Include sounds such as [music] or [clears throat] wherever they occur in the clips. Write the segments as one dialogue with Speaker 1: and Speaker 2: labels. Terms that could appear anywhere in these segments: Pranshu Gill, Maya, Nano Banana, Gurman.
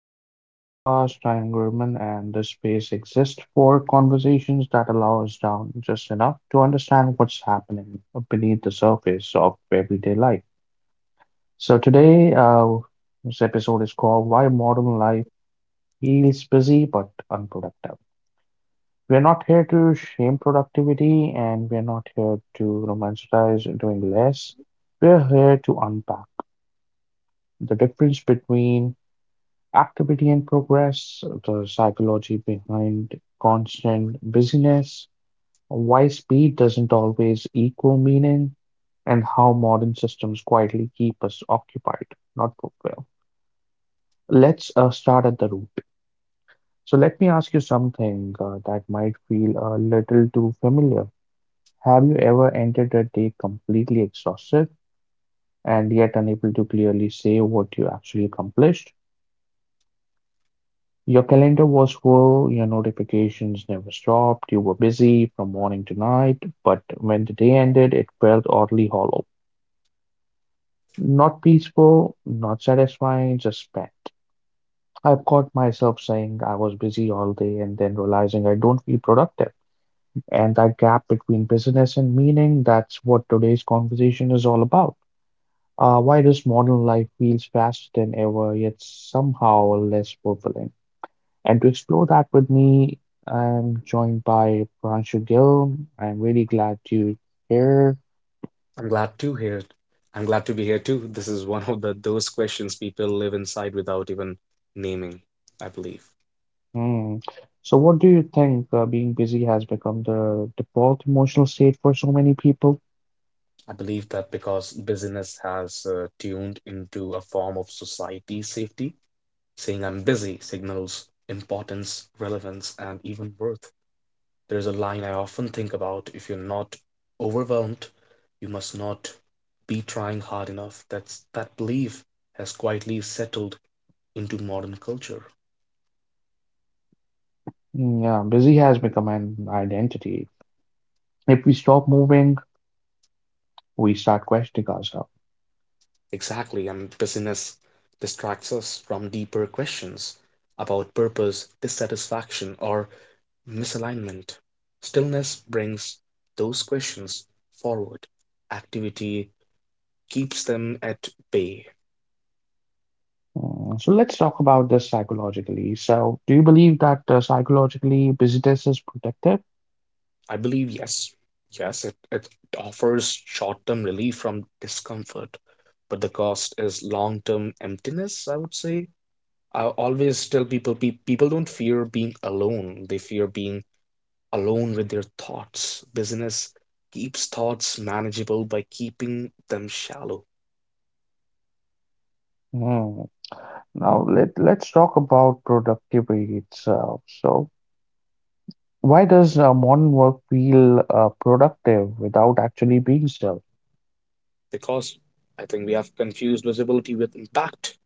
Speaker 1: everyone to the podcast. I'm Gurman, and this space exists for conversations that allow us down just enough to understand what's happening beneath the surface of everyday life. So, today, this episode is called Why Modern Life Feels Busy But Unproductive. We're not here to shame productivity, and we're not here to romanticize doing less. We're here to unpack the difference between activity and progress, the psychology behind constant busyness, why speed doesn't always equal meaning, and how modern systems quietly keep us occupied, not fulfilled. Let's start at the root. So, let me ask you something that might feel a little too familiar. Have you ever entered a day completely exhausted and yet unable to clearly say what you actually accomplished? Your calendar was full, your notifications never stopped, you were busy from morning to night, but when the day ended, it felt oddly hollow. Not peaceful, not satisfying, just spent. I've caught myself saying I was busy all day and then realizing I don't feel productive. And that gap between busyness and meaning, that's what today's conversation is all about. Why does modern life feels faster than ever, yet somehow less fulfilling? And to explore that with me, I'm joined by Pranshu Gill. I'm really glad you're here.
Speaker 2: I'm glad to hear it. I'm glad to be here too. This is one of the those questions people live inside without even naming, I believe.
Speaker 1: Hmm. So, what do you think being busy has become the default emotional state for so many people?
Speaker 2: I believe that because busyness has tuned into a form of society safety. Saying I'm busy signals importance, relevance, and even worth. There's a line I often think about: if you're not overwhelmed, you must not be trying hard enough. That belief has quietly settled into modern culture.
Speaker 1: Hmm, yeah, busy has become an identity. If we stop moving, we start questioning ourselves.
Speaker 2: Exactly, and busyness distracts us from deeper questions about purpose, dissatisfaction, or misalignment. Stillness brings those questions forward. Activity keeps them at bay.
Speaker 1: Mm, so let's talk about this psychologically. So, do you believe that psychologically business is protective?
Speaker 2: I believe, yes, yes, it offers short term relief from discomfort, but the cost is long term emptiness, I would say. I always tell people people don't fear being alone, they fear being alone with their thoughts. Business keeps thoughts manageable by keeping them shallow
Speaker 1: Hmm. Now let's talk about productivity itself. So, why does modern work feel productive without actually being so?
Speaker 2: because I think we have confused visibility with impact.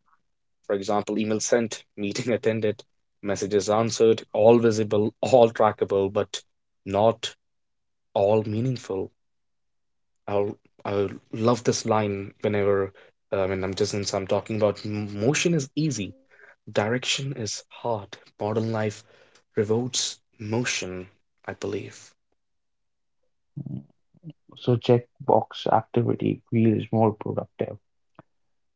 Speaker 2: For example, email sent, [laughs] meeting attended, messages answered, all visible, all trackable, but not all meaningful. I'll, I love this line whenever I'm talking about motion is easy, direction is hard. Modern life rewards motion, I believe.
Speaker 1: So checkbox activity feels more productive.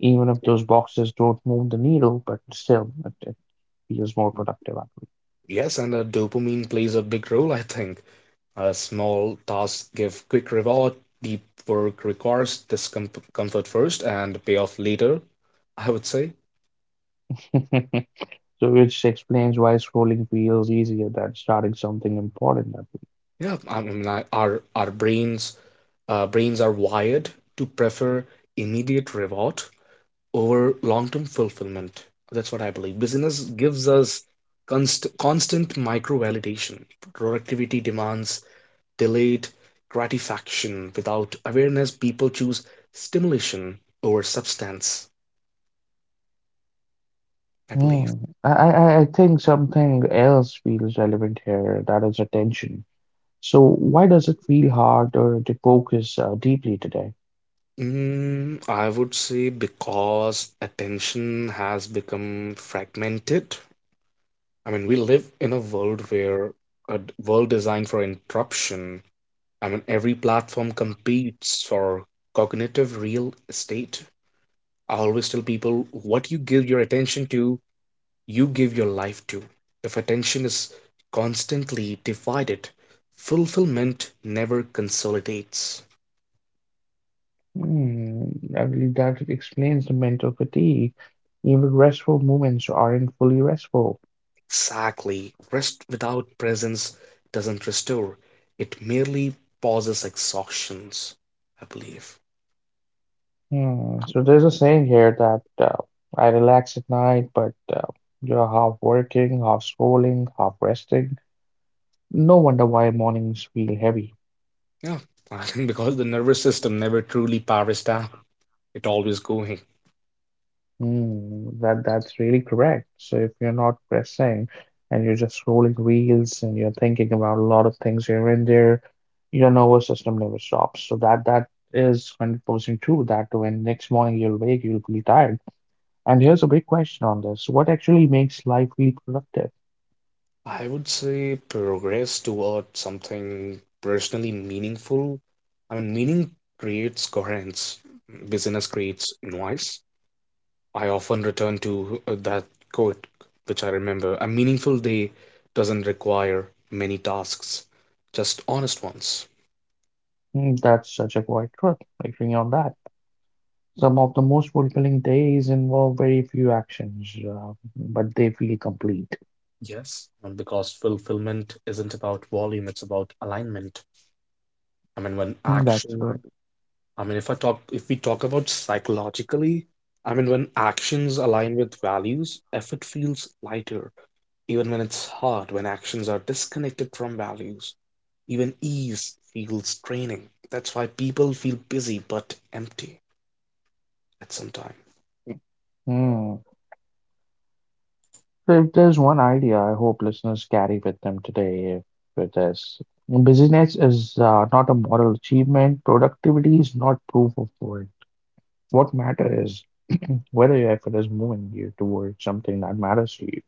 Speaker 1: Even if those boxes don't move the needle, but still it feels more productive
Speaker 2: Yes, and the dopamine plays a big role, I think. A small tasks give quick reward, deep work requires discomfort first and payoff later, I would say.
Speaker 1: actually. [laughs] So which explains why scrolling feels easier than starting something important that week.
Speaker 2: Yeah, our brains are wired to prefer immediate reward over long-term fulfillment. That's what I believe. Business gives us constant micro validation. Productivity demands delayed gratification. Without awareness, people choose stimulation over substance, I believe.
Speaker 1: Hmm. I think something else feels relevant here, that is attention. So why does it feel harder to focus deeply today?
Speaker 2: I would say because attention has become fragmented. I mean, we live in a world where world designed for interruption. I mean, every platform competes for cognitive real estate. I always tell people what you give your attention to you give your life to. If attention is constantly divided, fulfillment never consolidates.
Speaker 1: Hmm. I believe that explains the mental fatigue. Even restful moments aren't fully restful.
Speaker 2: Exactly. Rest without presence doesn't restore, it merely pauses exhaustions, I believe.
Speaker 1: Hmm. So there's a saying here that I relax at night, but you're half working, half scrolling, half resting. No wonder why mornings feel heavy.
Speaker 2: Yeah, [laughs] I think because the nervous system never truly powers down, it always going.
Speaker 1: Hmm. That that's really correct. So if you're not resting and you're just scrolling reels and you're thinking about a lot of things here and there, your nervous system never stops. So that is 100% true that when next morning you'll wake, you'll feel tired. And here's a big question on this. What actually makes life feel productive?
Speaker 2: I would say progress toward something personally meaningful. I mean, meaning creates coherence, business creates noise. I often return to that quote, which I remember. A meaningful day doesn't require many tasks, just honest ones.
Speaker 1: Mm, that's such a quiet truth, agreeing on that. Some of the most fulfilling days involve very few actions, but they feel complete.
Speaker 2: Yes, and because fulfillment isn't about volume, it's about alignment. I mean, when
Speaker 1: Mm, that's
Speaker 2: action
Speaker 1: right.
Speaker 2: I mean, if we talk about psychologically, I mean, when actions align with values, effort feels lighter, even when it's hard, when actions are disconnected from values. Even ease feels draining. That's why people feel busy but empty at some time.
Speaker 1: Mm. So if there's one idea I hope listeners carry with them today, with this, business is not a moral achievement, productivity is not proof of worth. What matters is [clears throat] whether your effort is moving you towards something that matters to you.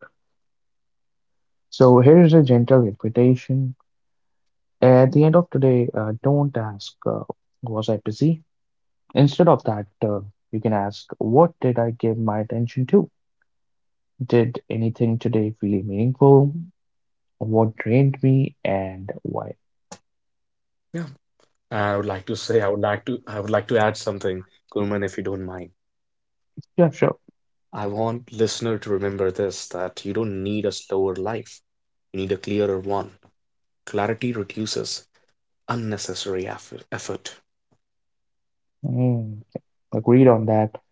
Speaker 1: So here's a gentle invitation. At the end of today, don't ask, was I busy? Instead of that, you can ask, what did I give my attention to? Did anything today feel meaningful? What drained me and why?
Speaker 2: Yeah. I would like to say, I would like to, I would like to add something, Kulman, if you don't mind.
Speaker 1: Yeah, sure.
Speaker 2: I want listener to remember this, that you don't need a slower life. You need a clearer one. Clarity reduces effort.
Speaker 1: Mm, agreed on that.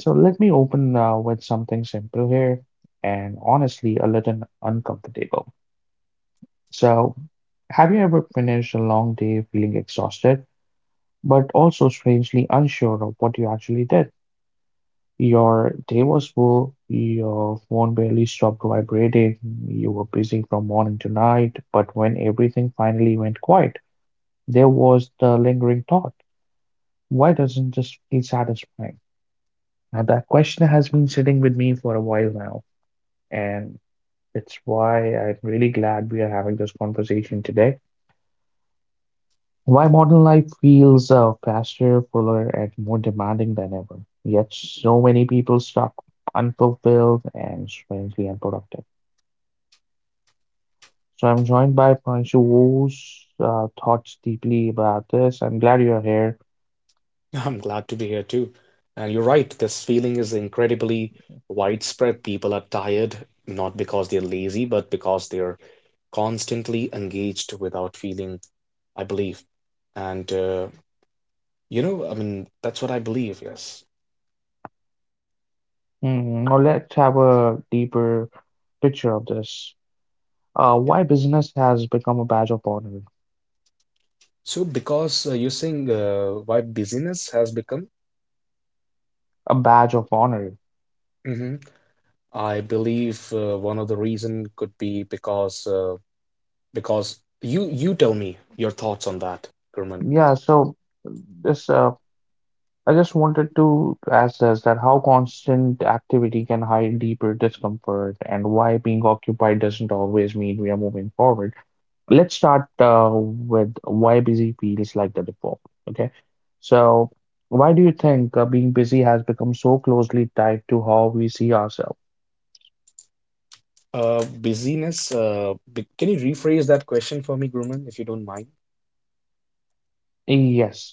Speaker 1: So let me open with something simple here and honestly a little uncomfortable. So, have you ever finished a long day feeling exhausted, but also strangely unsure of what you actually did? Your day was full, your phone barely stopped vibrating, you were busy from morning to night, but when everything finally went quiet, there was the lingering thought, why doesn't this feel satisfying? Now that question has been sitting with me for a while now, and it's why I'm really glad we are having this conversation today. Why modern life feels faster, fuller, and more demanding than ever. Yet so many people stuck unfulfilled and strangely unproductive. So I'm joined by Panshu, whose thoughts deeply about this. I'm glad you're here.
Speaker 2: [laughs] I'm glad to be here too. And you're right, this feeling is incredibly widespread. People are tired, not because they're lazy, but because they're constantly engaged without feeling, I believe. And, you know, I mean, that's what I believe, yes.
Speaker 1: Hmm, now let's have a deeper picture of this.
Speaker 2: Yeah.
Speaker 1: Why business has become a badge of honor?
Speaker 2: So, because you're saying why busyness has become.
Speaker 1: A badge of honor.
Speaker 2: Mhm. I believe one of the reason could be because you tell me your thoughts on that, Gurman.
Speaker 1: Yeah. So this, I just wanted to ask this that how constant activity can hide deeper discomfort, and why being occupied doesn't always mean we are moving forward. Let's start with why busy feels like the default. Okay. So, why do you think being busy has become so closely tied to how we see ourselves?
Speaker 2: Can you rephrase that question for me, Gurman, if you don't mind?
Speaker 1: Yes.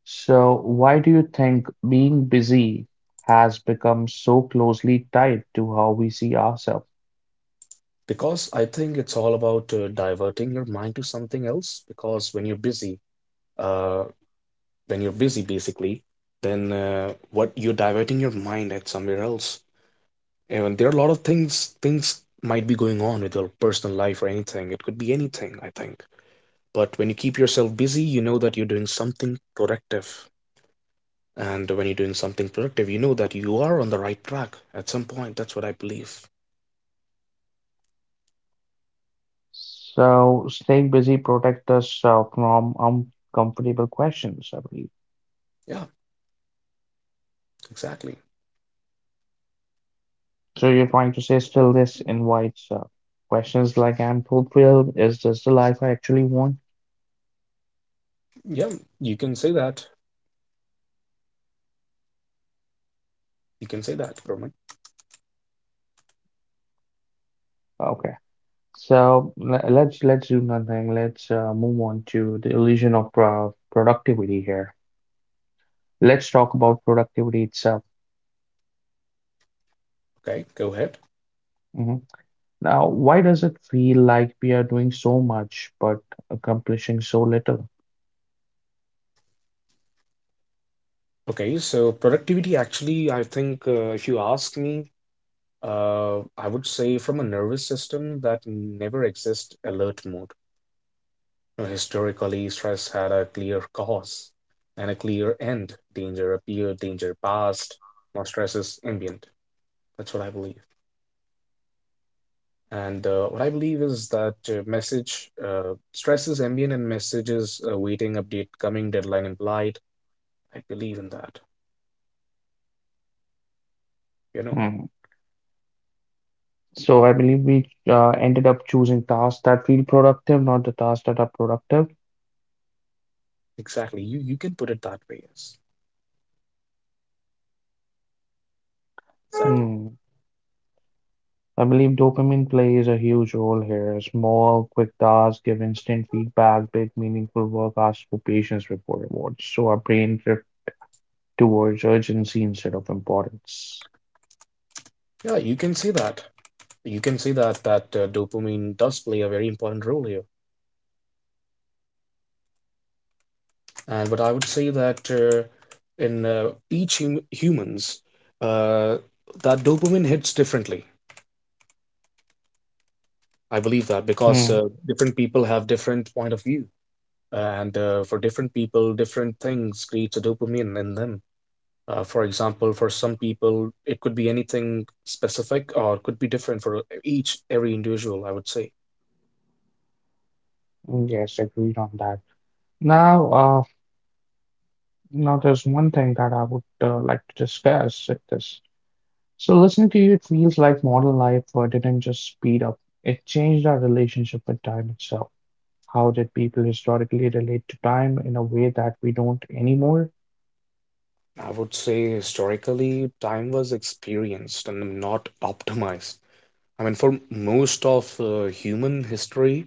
Speaker 1: So, why do you think being busy has become so closely tied to how we see ourselves?
Speaker 2: Because I think it's all about diverting your mind to something else. Because when you're busy, uh, when you're busy, basically, then what you're diverting your mind at somewhere else. And there are a lot of things. Things might be going on with your personal life or anything. It could be anything, I think. But when you keep yourself busy, you know that you're doing something productive. And when you're doing something productive, you know that you are on the right track at some point. That's what I believe.
Speaker 1: So, staying busy protects us from uncomfortable questions, I believe.
Speaker 2: Yeah, exactly.
Speaker 1: So, you're trying to say still this invites questions like I'm fulfilled? Is this the life I actually want?
Speaker 2: Yeah, you can say that. You can say that, Kermit.
Speaker 1: Okay. So let's do nothing. Let's move on to the illusion of productivity here. Let's talk about productivity itself.
Speaker 2: Okay, go ahead.
Speaker 1: Mhm. Now, why does it feel like we are doing so much but accomplishing so little?
Speaker 2: Okay, so productivity actually, I think, if you ask me, I would say from a nervous system that never exists alert mode. You know, historically, stress had a clear cause and a clear end. Danger appeared, danger passed. Now stress is ambient. That's what I believe. And what I believe is that message stresses ambient and messages waiting, update, coming, deadline implied. I believe in that. You know,
Speaker 1: Mhm. So I believe we ended up choosing tasks that feel productive, not the tasks that are productive.
Speaker 2: exactly. You can put it that way. Yes, exactly.
Speaker 1: Hmm. I believe dopamine plays a huge role here. Small, quick tasks give instant feedback, big, meaningful work asks for patience before rewards. So our brain drifts towards urgency instead of importance.
Speaker 2: Yeah, you can say that. You can say that that dopamine does play a very important role here. And but I would say that in each humans, uh, that dopamine hits differently. I believe that
Speaker 1: Hmm.
Speaker 2: because different people have different point of view and for different people, different things creates a dopamine in them. For example, for some people, it could be anything specific or it could be different for each, every individual, I would say.
Speaker 1: Yes, agreed on that. Now, there's one thing that I would like to discuss with this. So listening to you, it feels like modern life didn't just speed up. It changed our relationship with time itself. How did people historically relate to time in a way that we don't anymore?
Speaker 2: I would say historically, time was experienced and not optimized. I mean, for most of human history,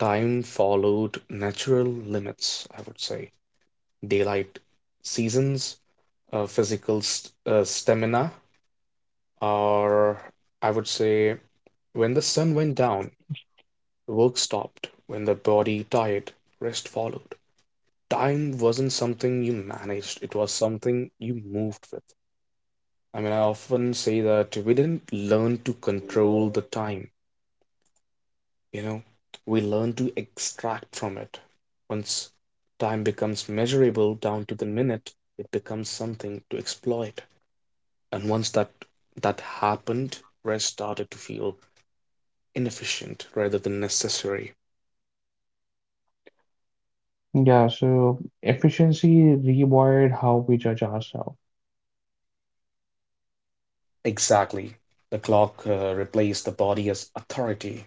Speaker 2: time followed natural limits, I would say. Daylight seasons, physical st stamina, or I would say when the sun went down, work stopped; when the body tired, rest followed. Time wasn't something you managed, it was something you moved with. I mean, I often say that we didn't learn to control the time, you know, we learned to extract from it. Once time becomes measurable down to the minute, it becomes something to exploit. And once that happened, rest started to feel inefficient rather than necessary.
Speaker 1: Yeah, so efficiency rewired how we judge ourselves.
Speaker 2: Exactly. The clock replaced the body as authority.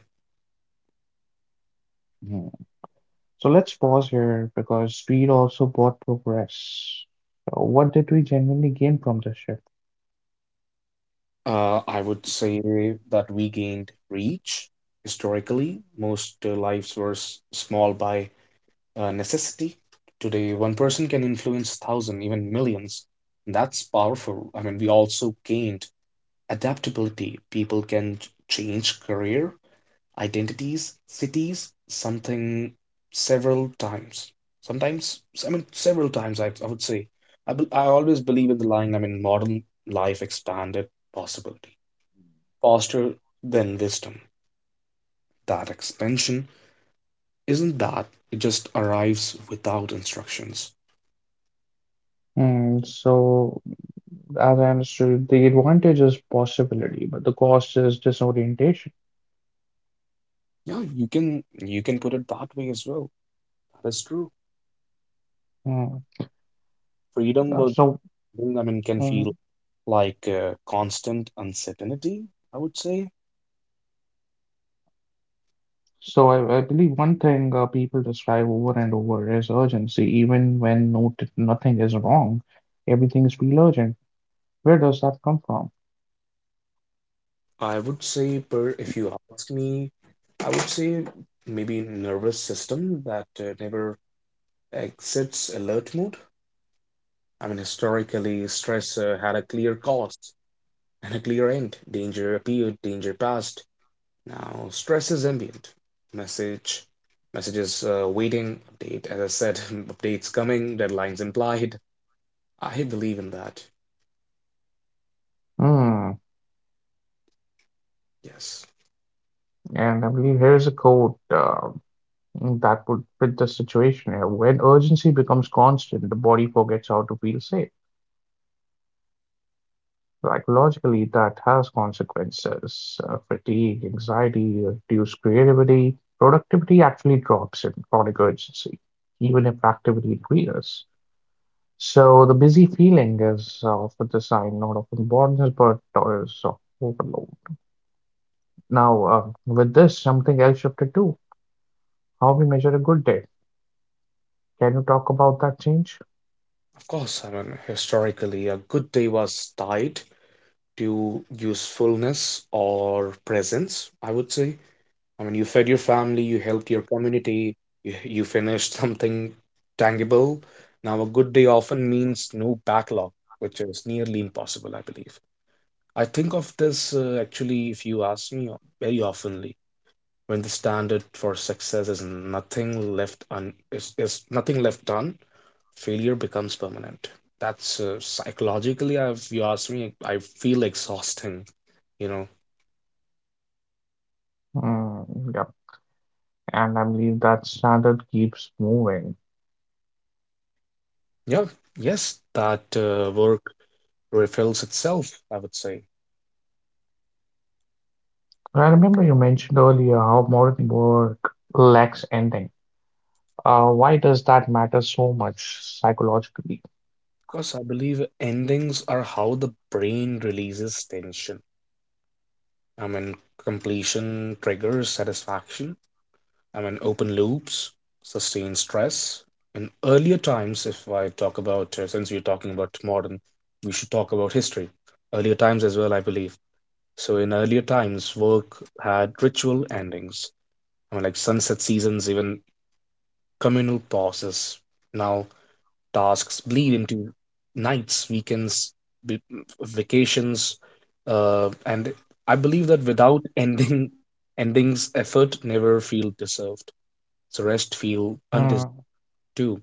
Speaker 1: Hmm. So let's pause here because speed also brought progress. So what did we genuinely gain from this shift?
Speaker 2: I would say that we gained reach. Historically, most lives were small by necessity. Today, one person can influence thousand, even millions. That's powerful. I mean, we also gained adaptability. People can change career, identities, cities, something several times. Sometimes, I mean, several times, I would say. I always believe in the line, I mean, modern life expanded possibility, faster than wisdom. That expansion isn't that, It just arrives without instructions.
Speaker 1: And so, as I understood, the advantage is possibility, but the cost is disorientation.
Speaker 2: Yeah, you can put it that way as well. That is true.
Speaker 1: Mm.
Speaker 2: Freedom
Speaker 1: Uh,
Speaker 2: would,
Speaker 1: So,
Speaker 2: I mean, can
Speaker 1: mm,
Speaker 2: feel like constant uncertainty, I would say.
Speaker 1: so I believe one thing people describe over and over is urgency, even when nothing is wrong, everything is feel urgent. Where does that come from?
Speaker 2: I would say, per if you ask me, I would say maybe nervous system that never exits alert mode. I mean, historically, stress had a clear cause and a clear end. Danger appeared, danger passed. Now, stress is ambient. Message, messages waiting, update, as I said, [laughs] updates coming, deadlines implied. I believe in that.
Speaker 1: Hmm.
Speaker 2: Yes.
Speaker 1: And I believe here's a quote that would fit the situation here. When urgency becomes constant, the body forgets how to feel safe. Psychologically, that has consequences. Fatigue, anxiety, reduced creativity, productivity actually drops in chronic urgency, even if activity increases. So the busy feeling is often the sign not of importance, but is of overload. Now, with this, something else shifted too. How we measure a good day. Can you talk about that change?
Speaker 2: Of course, I mean, historically, a good day was tied to usefulness or presence, I would say. I mean, you fed your family, you helped your community, you finished [laughs] something tangible. Now, a good day often means no backlog, which is nearly impossible, I believe. I think of this actually, if you ask me, very oftenly. When the standard for success is nothing left un- is nothing left done, failure becomes permanent. That's psychologically, I if you ask me, I feel exhausting, you know.
Speaker 1: Mm, yep. And I believe that standard keeps moving.
Speaker 2: Yeah, yes, that work refills itself, I would say,
Speaker 1: I remember you mentioned earlier how modern work lacks ending. Why does that matter so much psychologically?
Speaker 2: because I believe endings are how the brain releases tension. I mean, completion triggers satisfaction. I mean, open loops, sustained stress. In earlier times, if I talk about, since we're talking about modern, we should talk about history. Earlier times as well, I believe. So in earlier times, work had ritual endings. I mean, like sunset seasons, even communal pauses. Now tasks bleed into nights, weekends, vi- vacations, and I believe that without [laughs] endings, effort never feel deserved. So rest feel undesired
Speaker 1: Mm,
Speaker 2: too.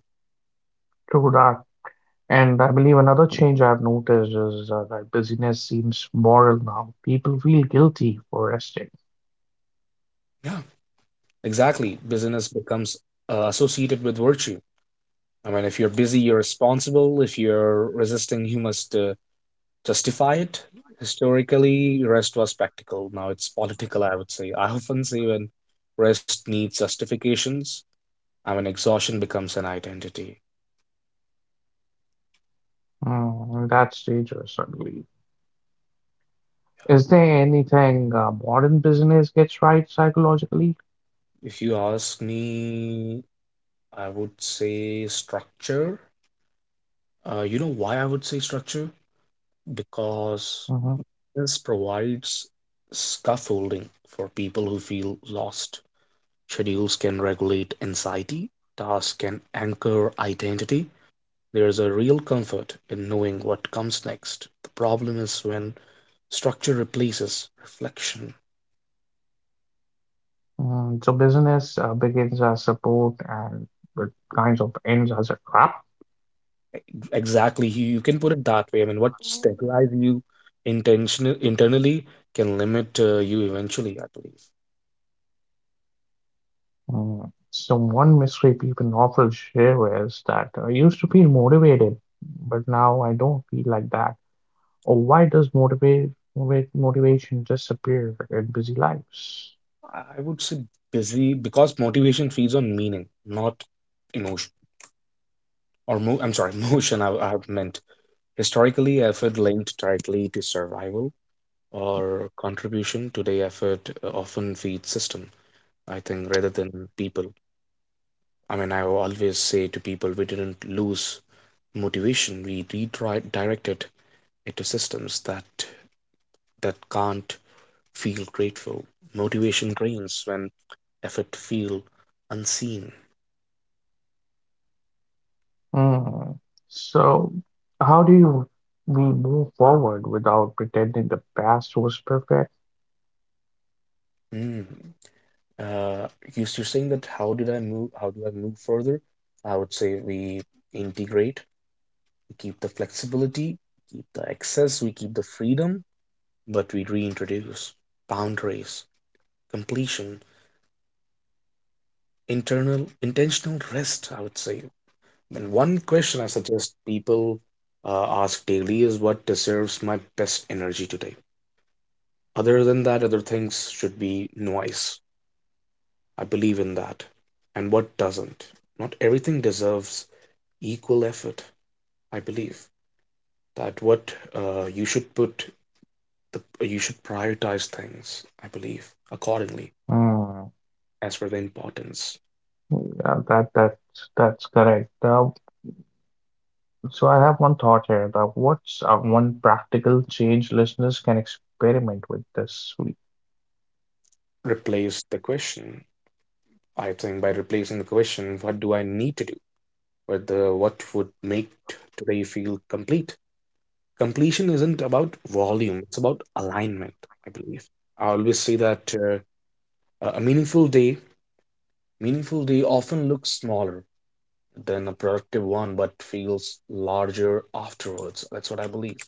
Speaker 1: true that. And I believe another change I've noticed is that busyness seems moral now. People feel guilty for resting.
Speaker 2: Yeah, exactly. Busyness becomes associated with virtue. I mean, if you're busy, you're responsible. If you're resisting, you must justify it. Historically, rest was practical. Now it's political, I would say. I often say when rest needs justifications, I mean, exhaustion becomes an identity.
Speaker 1: Mm, that's dangerous, I believe. Is there anything modern business gets right psychologically?
Speaker 2: If you ask me, I would say structure. You know why I would say structure? Because this provides scaffolding for people who feel lost. Schedules can regulate anxiety, tasks can anchor identity. There's a real comfort in knowing what comes next. The problem is when structure replaces reflection.
Speaker 1: Mm, so business begins as support and it kind of ends as a trap.
Speaker 2: Exactly, you can put it that way. I mean, what stabilizes you intentional internally can limit you eventually, I believe.
Speaker 1: Mm, so one mystery people often share is that I used to feel motivated, but now I don't feel like that. Or why does motivate, motivate motivation disappear in busy lives?
Speaker 2: I would say busy because motivation feeds on meaning, not emotion. I'm sorry, [laughs] motion. I have meant historically, effort linked directly to survival or contribution. Today, effort often feeds system, I think, rather than people. I mean, I always say to people, we didn't lose motivation. We redirected it to systems that can't feel grateful. Motivation drains when effort feel unseen.
Speaker 1: Mm, so how do you we move forward without pretending the past was perfect?
Speaker 2: Mm. Uh, you're saying that how did I move? How do I move further? I would say we integrate, we keep the flexibility, keep the access, we keep the freedom, but we reintroduce boundaries, completion, internal intentional rest, I would say. And one question I suggest people ask daily is what deserves my best energy today. Other than that, other things should be noise. I believe in that. And what doesn't? Not everything deserves equal effort, I believe that what you should put the you should prioritize things, I believe, accordingly
Speaker 1: Mm,
Speaker 2: as for the importance.
Speaker 1: yeah, that's correct. So I have one thought here that what's one practical change listeners can experiment with this week?
Speaker 2: Replace the question, I think, by replacing the question what do I need to do with the what would make today feel complete. Completion isn't about volume, it's about alignment, I believe. I always say that a meaningful day, meaningful day often looks smaller than a productive one, but feels larger afterwards. That's what I believe,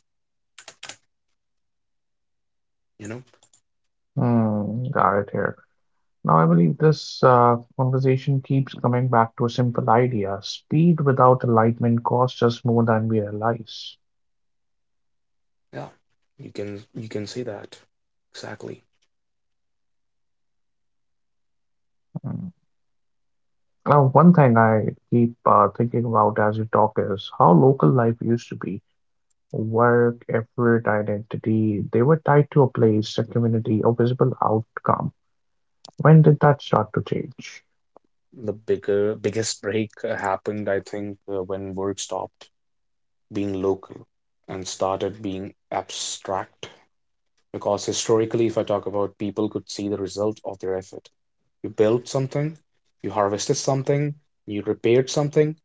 Speaker 2: you know?
Speaker 1: Hmm, got it here. Now I believe this conversation keeps coming back to a simple idea. Speed without enlightenment costs us more than we realize.
Speaker 2: Yeah. You can say that. Exactly.
Speaker 1: Hmm. Now, one thing I keep thinking about as we talk is how local life used to be. Work, effort, identity, they were tied to a place, a community, a visible outcome. When did that start to change?
Speaker 2: The bigger biggest break happened, I think, when work stopped being local and started being abstract. Because historically, if I talk about, people could see the result of their effort. You built something, you harvested something, you repaired something,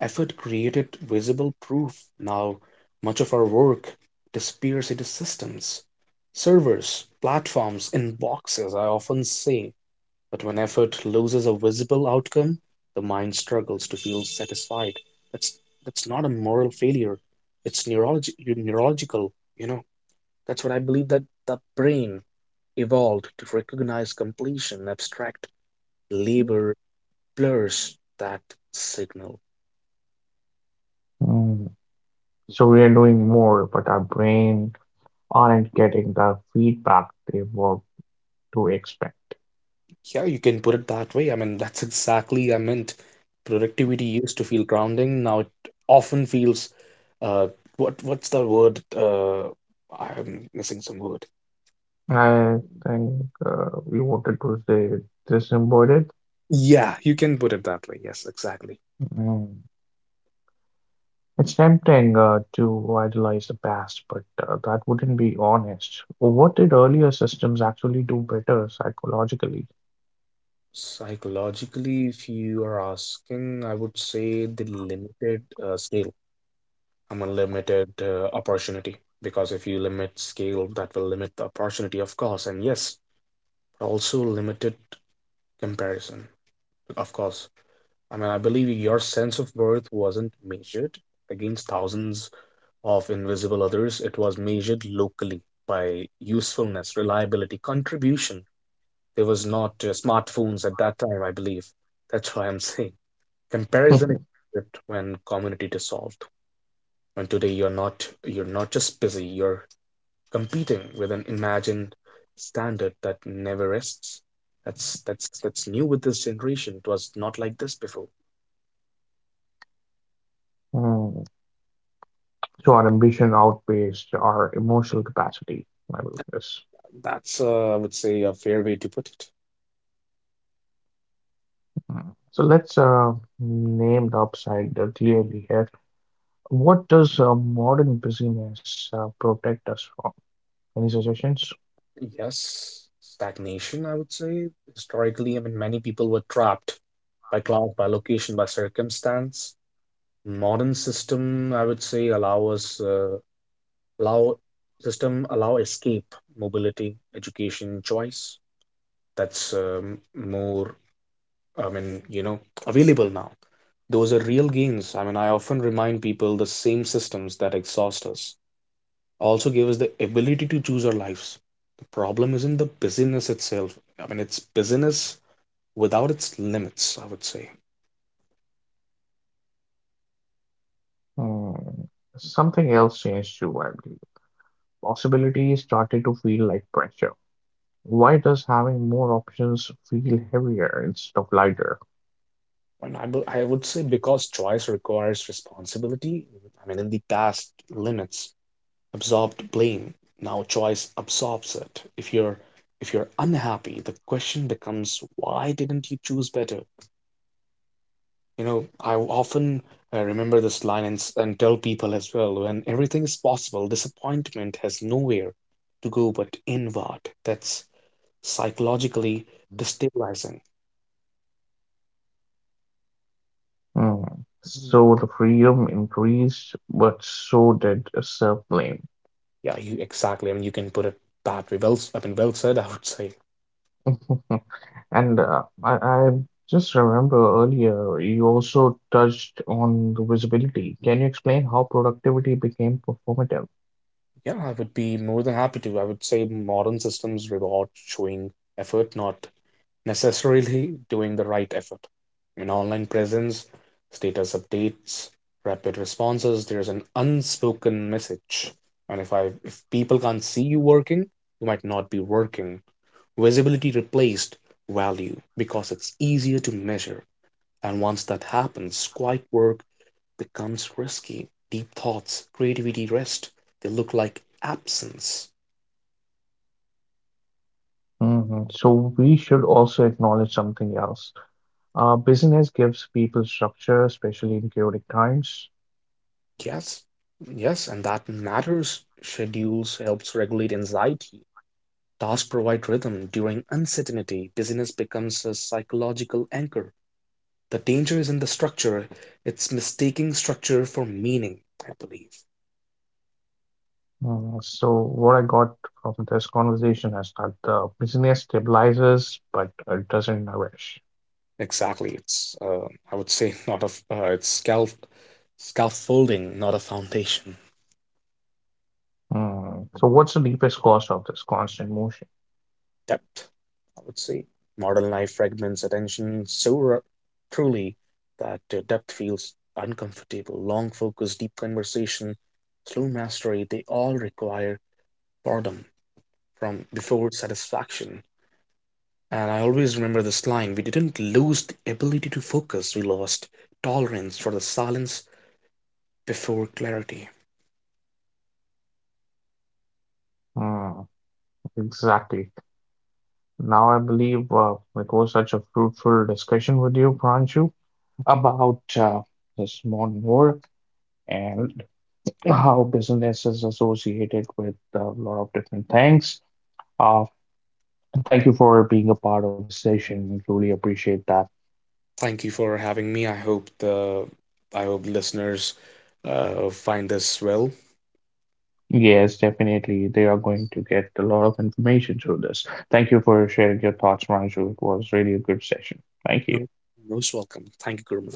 Speaker 2: effort created visible proof. Now, much of our work disappears into systems, servers, platforms, inboxes, I often say. But when effort loses a visible outcome, the mind struggles to feel satisfied. That's that's not a moral failure. It's neurology neurological, you know. That's what I believe, that the brain evolved to recognize completion, abstract labor blurs that signal.
Speaker 1: Mm. So we are doing more, but our brain aren't getting the feedback they were to expect.
Speaker 2: Yeah, you can put it that way. I mean, that's exactly I meant. Productivity used to feel grounding. Now it often feels, uh, what's the word? I'm missing some word.
Speaker 1: I think we wanted to say this embodied.
Speaker 2: Yeah, you can put it that way. Yes, exactly.
Speaker 1: Mm. It's tempting to idolize the past, but that wouldn't be honest. What did earlier systems actually do better psychologically?
Speaker 2: Psychologically, if you are asking, I would say the limited scale. I'm a limited opportunity, because if you limit scale, that will limit the opportunity, of course, and yes, also limited comparison, of course. I mean, I believe your sense of worth wasn't measured against thousands of invisible others. It was measured locally by usefulness, reliability, contribution. There was not smartphones at that time, I believe. That's why I'm [laughs] saying comparison is
Speaker 1: [laughs]
Speaker 2: it when community dissolved. When today you're not just busy, you're competing with an imagined standard that never rests. That's new with this generation. It was not like this before.
Speaker 1: Mm. So our ambition outpaced our emotional capacity, I will guess.
Speaker 2: That's, I would say, a fair way to put it.
Speaker 1: Mm. So let's name the upside clearly here. What does modern busyness protect us from? Any suggestions?
Speaker 2: Yes, stagnation, I would say. Historically, I mean, many people were trapped by class, by location, by circumstance. Modern system, I would say, allow us, allow system allow escape, mobility, education, choice. That's more, I mean, you know, available now. Those are real gains. I mean, I often remind people the same systems that exhaust us also gave us the ability to choose our lives. The problem isn't the busyness itself. I mean, it's busyness without its limits, I would say.
Speaker 1: Mm. Something else changed too, I believe. Possibilities started to feel like pressure. Why does having more options feel heavier instead of lighter?
Speaker 2: I would say because choice requires responsibility. I mean, in the past, limits absorbed blame. Now choice absorbs it. If you're unhappy, the question becomes why didn't you choose better? You know, I often remember this line and, and tell people as well, when everything is possible, disappointment has nowhere to go but inward. That's psychologically destabilizing.
Speaker 1: Mm. So the freedom increased, but so did self-blame.
Speaker 2: Yeah, you exactly. I mean, you can put it that way. Well, I mean, well said, [laughs] I would say.
Speaker 1: [laughs] And I just remember earlier you also touched on the visibility. Can you explain how productivity became performative?
Speaker 2: Yeah, I would be more than happy to. I would say modern systems reward showing effort, not necessarily doing the right effort. In online presence, status updates, rapid responses, there's an unspoken message. And if I if people can't see you working, you might not be working. Visibility replaced value because it's easier to measure. And once that happens, quiet work becomes risky. Deep thoughts, creativity rest. They look like absence.
Speaker 1: Hmm. So we should also acknowledge something else. Business gives people structure, especially in chaotic times.
Speaker 2: Yes. Yes, and that matters. Schedules helps regulate anxiety. Tasks provide rhythm during uncertainty; busyness becomes a psychological anchor. The danger is in the structure. It's mistaking structure for meaning, I believe.
Speaker 1: Mm, so what I got from this conversation is that the business stabilizes, but it doesn't nourish.
Speaker 2: Exactly. It's, I would say, [laughs] not a, it's scaffolding, not a foundation.
Speaker 1: Mm, so what's the deepest cause of this constant motion?
Speaker 2: Depth, I would say. Modern life fragments attention so truly that depth feels uncomfortable. Long focus, deep conversation, slow mastery, they all require boredom from before satisfaction. And I always remember this line, we didn't lose the ability to focus, we lost tolerance for the silence before clarity.
Speaker 1: Mm. Exactly. Now, I believe it was such a fruitful discussion with you, Pranshu, about this modern world and how business is associated with a lot of different things. Uh, Thank you for being a part of this session. We truly appreciate that.
Speaker 2: Thank you for having me. I hope listeners find this well.
Speaker 1: Yes, definitely. They are going to get a lot of information through this. Thank you for sharing your thoughts, Pranshu. It was really a good session. Thank you.
Speaker 2: No, most welcome. Thank you, Gurman.